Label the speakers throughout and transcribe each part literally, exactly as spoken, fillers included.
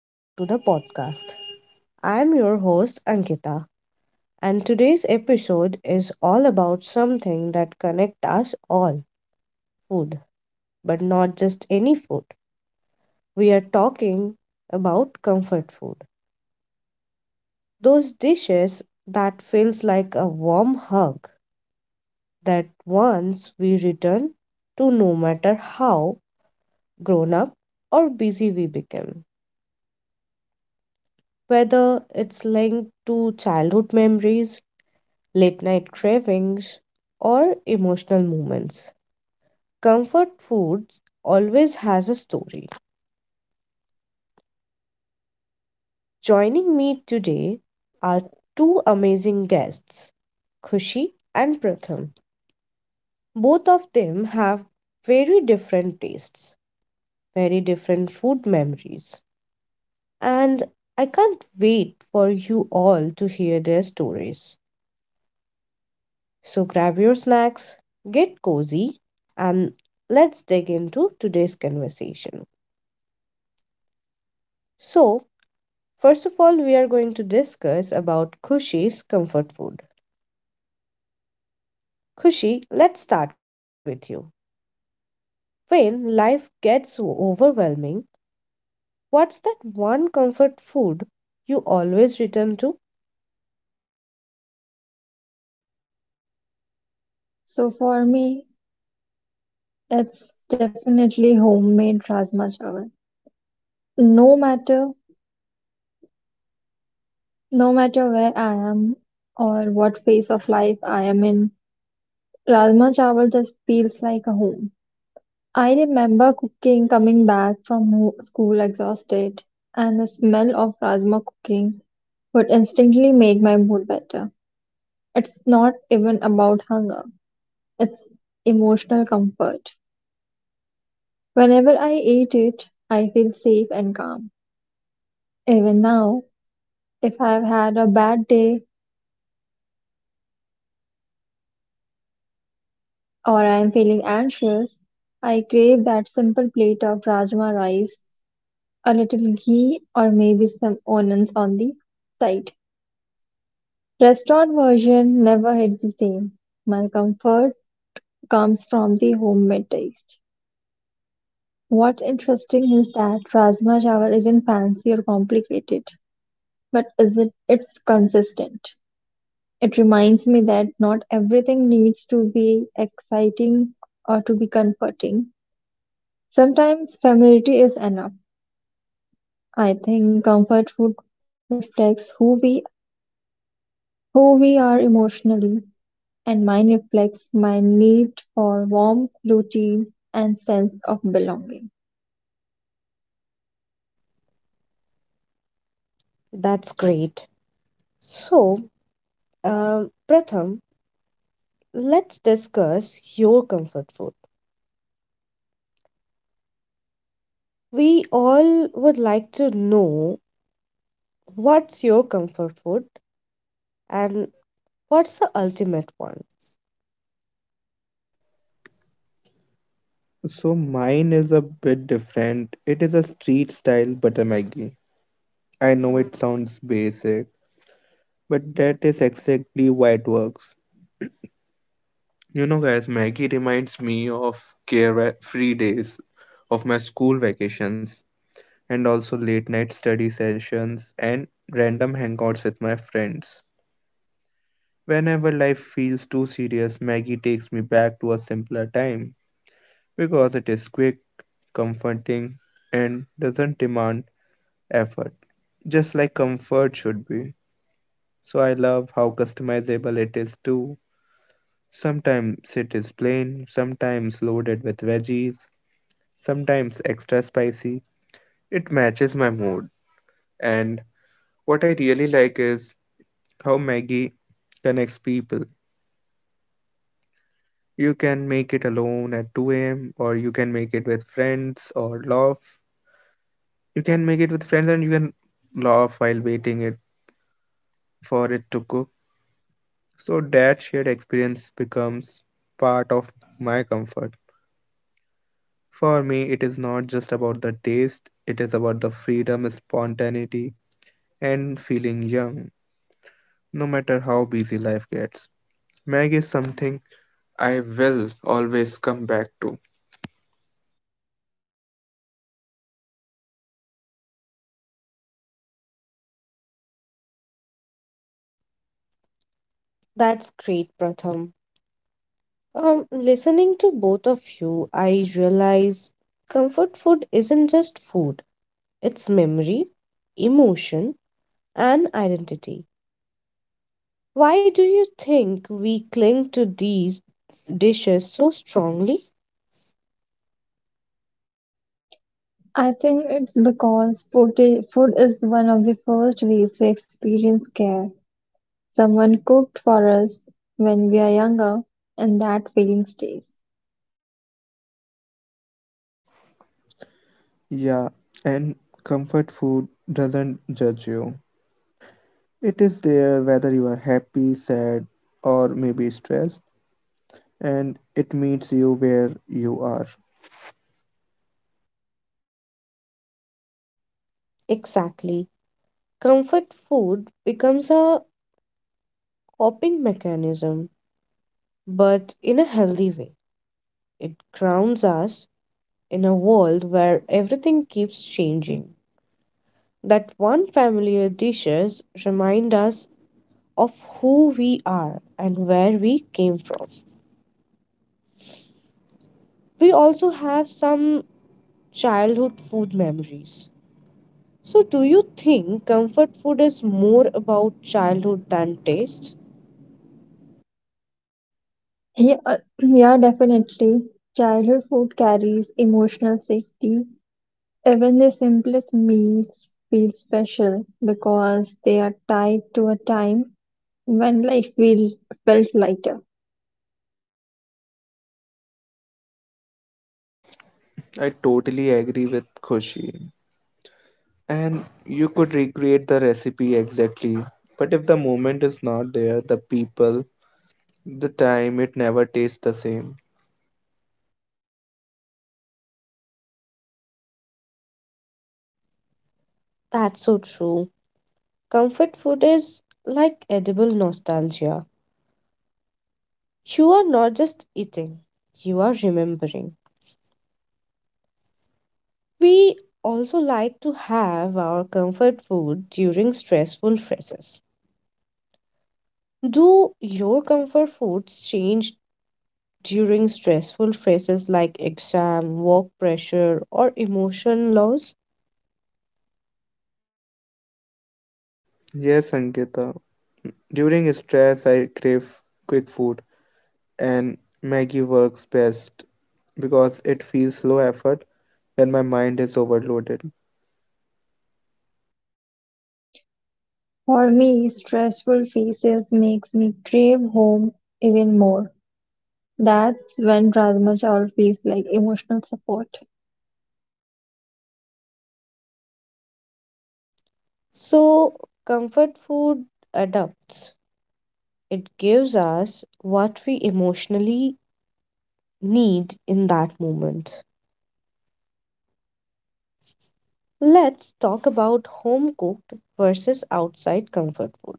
Speaker 1: back to the podcast. I'm your host, Ankita, and today's episode is all about something that connects us all food, but not just any food. We are talking about comfort food, those dishes that feels like a warm hug that once we return to no matter how grown up or busy we become. Whether it's linked to childhood memories, late night cravings, or emotional moments. Comfort foods always has a story. Joining me today are two amazing guests, Khushi and Pratham. Both of them have very different tastes, very different food memories, and I can't wait for you all to hear their stories. So grab your snacks, get cozy, and let's dig into today's conversation. So, first of all, we are going to discuss about Khushi's comfort food. Khushi, let's start with you. When life gets o- overwhelming, what's that one comfort food you always return to?
Speaker 2: So for me, it's definitely homemade Rajma Chawal. No matter, no matter where I am or what phase of life I am in, Rajma Chawal just feels like a home. I remember cooking, coming back from ho- school exhausted, and the smell of Rajma cooking would instantly make my mood better. It's not even about hunger, it's emotional comfort. Whenever I eat it, I feel safe and calm. Even now, if I've had a bad day or I'm feeling anxious, I crave that simple plate of rajma rice, a little ghee, or maybe some onions on the side. Restaurant version never hit the same. My comfort comes from the homemade taste. What's interesting is that rajma chawal isn't fancy or complicated, but is it it's consistent. It reminds me that not everything needs to be exciting or to be comforting. Sometimes familiarity is enough. I think comfort food reflects who we who we are emotionally, and mine reflects my need for warmth, routine, and sense of belonging.
Speaker 1: That's great. So, um, Pratham, let's discuss your comfort food. We all would like to know what's your comfort food and what's the ultimate one.
Speaker 3: So mine is a bit different. It is a street style butter Maggie. I know it sounds basic, but that is exactly why it works. You know, guys, Maggie reminds me of carefree days, of my school vacations, and also late night study sessions and random hangouts with my friends. Whenever life feels too serious, Maggie takes me back to a simpler time because it is quick, comforting, and doesn't demand effort, just like comfort should be. So I love how customizable it is too. Sometimes it is plain, sometimes loaded with veggies, sometimes extra spicy. It matches my mood. And what I really like is how Maggie connects people. You can make it alone at two a m, or you can make it with friends or laugh. You can make it with friends and you can laugh while waiting it for it to cook. So that shared experience becomes part of my comfort. For me, it is not just about the taste, it is about the freedom, spontaneity, and feeling young, no matter how busy life gets. Mag is something I will always come back to.
Speaker 1: That's great, Pratham. Um, listening to both of you, I realize comfort food isn't just food, it's memory, emotion, and identity. Why do you think we cling to these dishes so strongly?
Speaker 2: I think it's because food i- food is one of the first ways we experience care. Someone cooked for us when we are younger, and that feeling stays.
Speaker 3: Yeah, and comfort food doesn't judge you. It is there whether you are happy, sad, or maybe stressed, and it meets you where you are.
Speaker 1: Exactly. Comfort food becomes a coping mechanism, but in a healthy way. It grounds us in a world where everything keeps changing. That one familiar dishes remind us of who we are and where we came from. We also have some childhood food memories. So, do you think comfort food is more about childhood than taste?
Speaker 2: Yeah, uh, yeah, definitely. Childhood food carries emotional safety. Even the simplest meals feel special because they are tied to a time when life feel, felt lighter.
Speaker 3: I totally agree with Khushi. And you could recreate the recipe exactly, but if the moment is not there, the people, the time, it never tastes the same.
Speaker 1: That's so true. Comfort food is like edible nostalgia. You are not just eating, you are remembering. We also like to have our comfort food during stressful phases. Do your comfort foods change during stressful phases like exam, work pressure, or emotion loss.
Speaker 3: Yes, Ankita. During stress, I crave quick food, and Maggie works best because it feels low effort when my mind is overloaded.
Speaker 2: For me, stressful phases makes me crave home even more. That's when Rajma Chawal feels like emotional support.
Speaker 1: So, comfort food adapts. It gives us what we emotionally need in that moment. Let's talk about home cooked versus outside comfort food.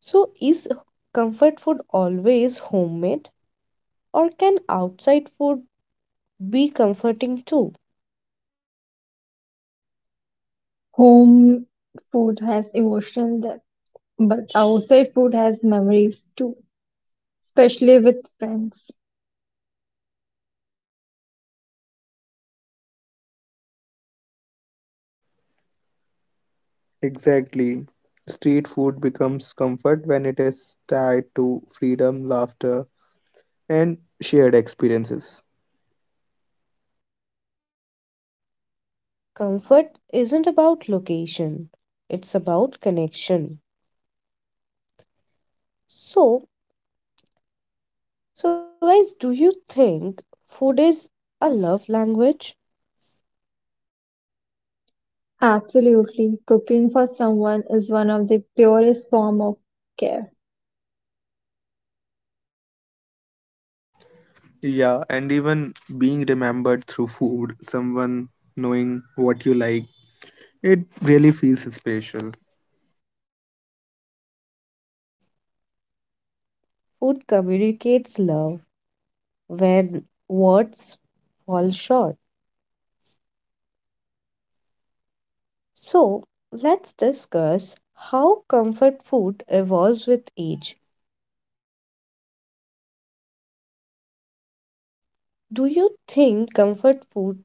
Speaker 1: So, is comfort food always homemade, or can outside food be comforting too?
Speaker 2: Home food has emotional depth, but outside food has memories too, especially with friends.
Speaker 3: Exactly. Street food becomes comfort when it is tied to freedom, laughter, and shared experiences.
Speaker 1: Comfort isn't about location, it's about connection. So, so guys, do you think food is a love language?
Speaker 2: Absolutely. Cooking for someone is one of the purest form of care.
Speaker 3: Yeah, and even being remembered through food, someone knowing what you like, it really feels special.
Speaker 1: Food communicates love when words fall short. So, let's discuss how comfort food evolves with age. Do you think comfort food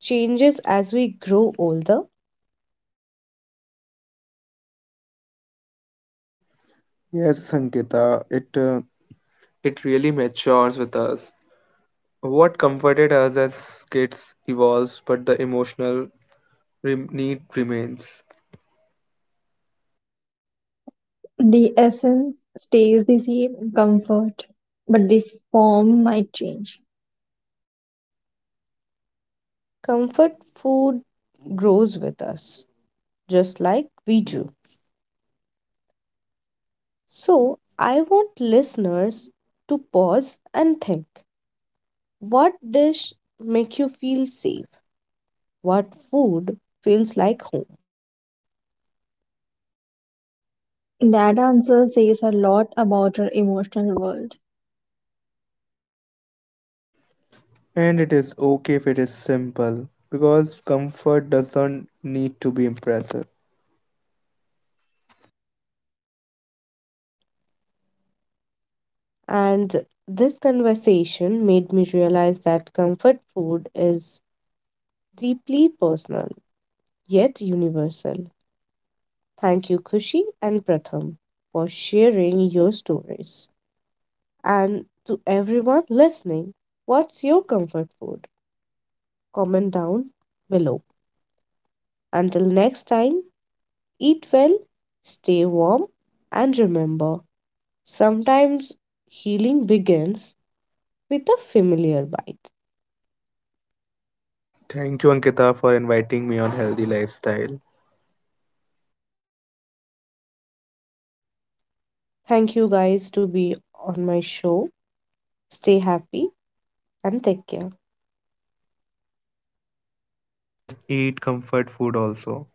Speaker 1: changes as we grow older?
Speaker 3: Yes, Sankita, it uh, it really matures with us. What comforted us as kids evolves, but the emotional rem- need remains.
Speaker 2: The essence stays the same, comfort, but the form might change.
Speaker 1: Comfort food grows with us, just like we do. So, I want listeners to pause and think. What dish make you feel safe? What food feels like home?
Speaker 2: That answer says a lot about our emotional world.
Speaker 3: And it is okay if it is simple, because comfort doesn't need to be impressive.
Speaker 1: And this conversation made me realize that comfort food is deeply personal yet universal. Thank you Kushi and Pratham for sharing your stories. And to everyone listening, what's your comfort food? Comment down below. Until next time, eat well, stay warm and remember sometimes healing begins with a familiar bite.
Speaker 3: Thank you, Ankita, for inviting me on healthy lifestyle.
Speaker 1: Thank you guys to be on my show. Stay happy and take care.
Speaker 3: And just eat comfort food also.